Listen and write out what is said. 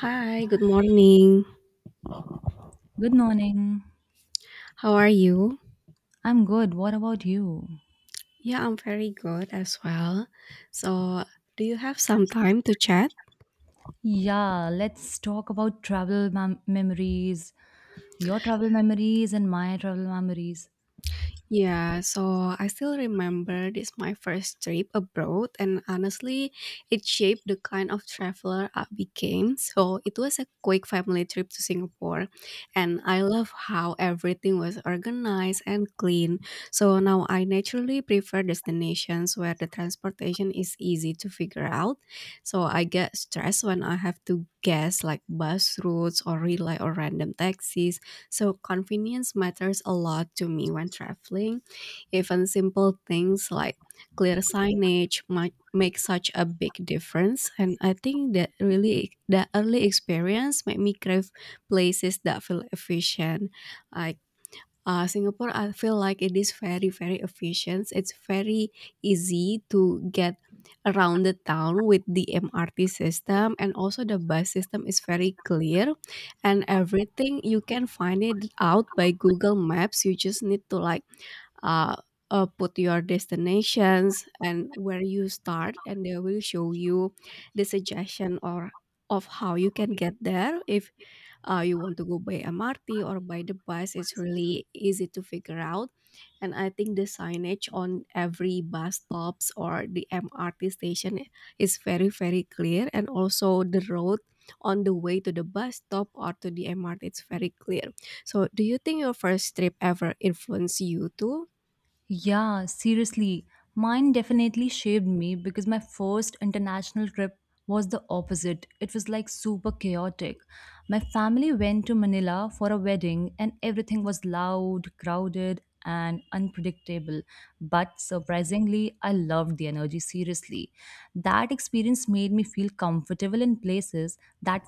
Hi, good morning. Good morning. How are you? I'm good. What about you? Yeah, I'm very good as well. So, do you have some time to chat? Yeah, let's talk about travel memories. Your travel memories and my travel memories. Yeah, so I still remember this my first trip abroad, and honestly it shaped the kind of traveler I became. So it was a quick family trip to Singapore, and I love how everything was organized and clean. So now I naturally prefer destinations where the transportation is easy to figure out. So I get stressed when I have to guess like bus routes or rely on random taxis, so convenience matters a lot to me when traveling. Even simple things like clear signage might make such a big difference, and I think that really the early experience made me crave places that feel efficient. Like Singapore, I feel like it is very, very efficient. It's very easy to get around the town with the MRT system, and also the bus system is very clear, and everything you can find it out by Google Maps. You just need to like uh, put your destinations and where you start, and they will show you the suggestion or of how you can get there if you want to go by MRT or by the bus, it's really easy to figure out. And I think the signage on every bus stops or the MRT station is very, very clear. And also the road on the way to the bus stop or to the MRT, it's very clear. So do you think your first trip ever influenced you too? Yeah, seriously. Mine definitely shaped me because my first international trip was the opposite. It was like super chaotic. My family went to Manila for a wedding and everything was loud, crowded, and unpredictable. But surprisingly, I loved the energy seriously. That experience made me feel comfortable in places that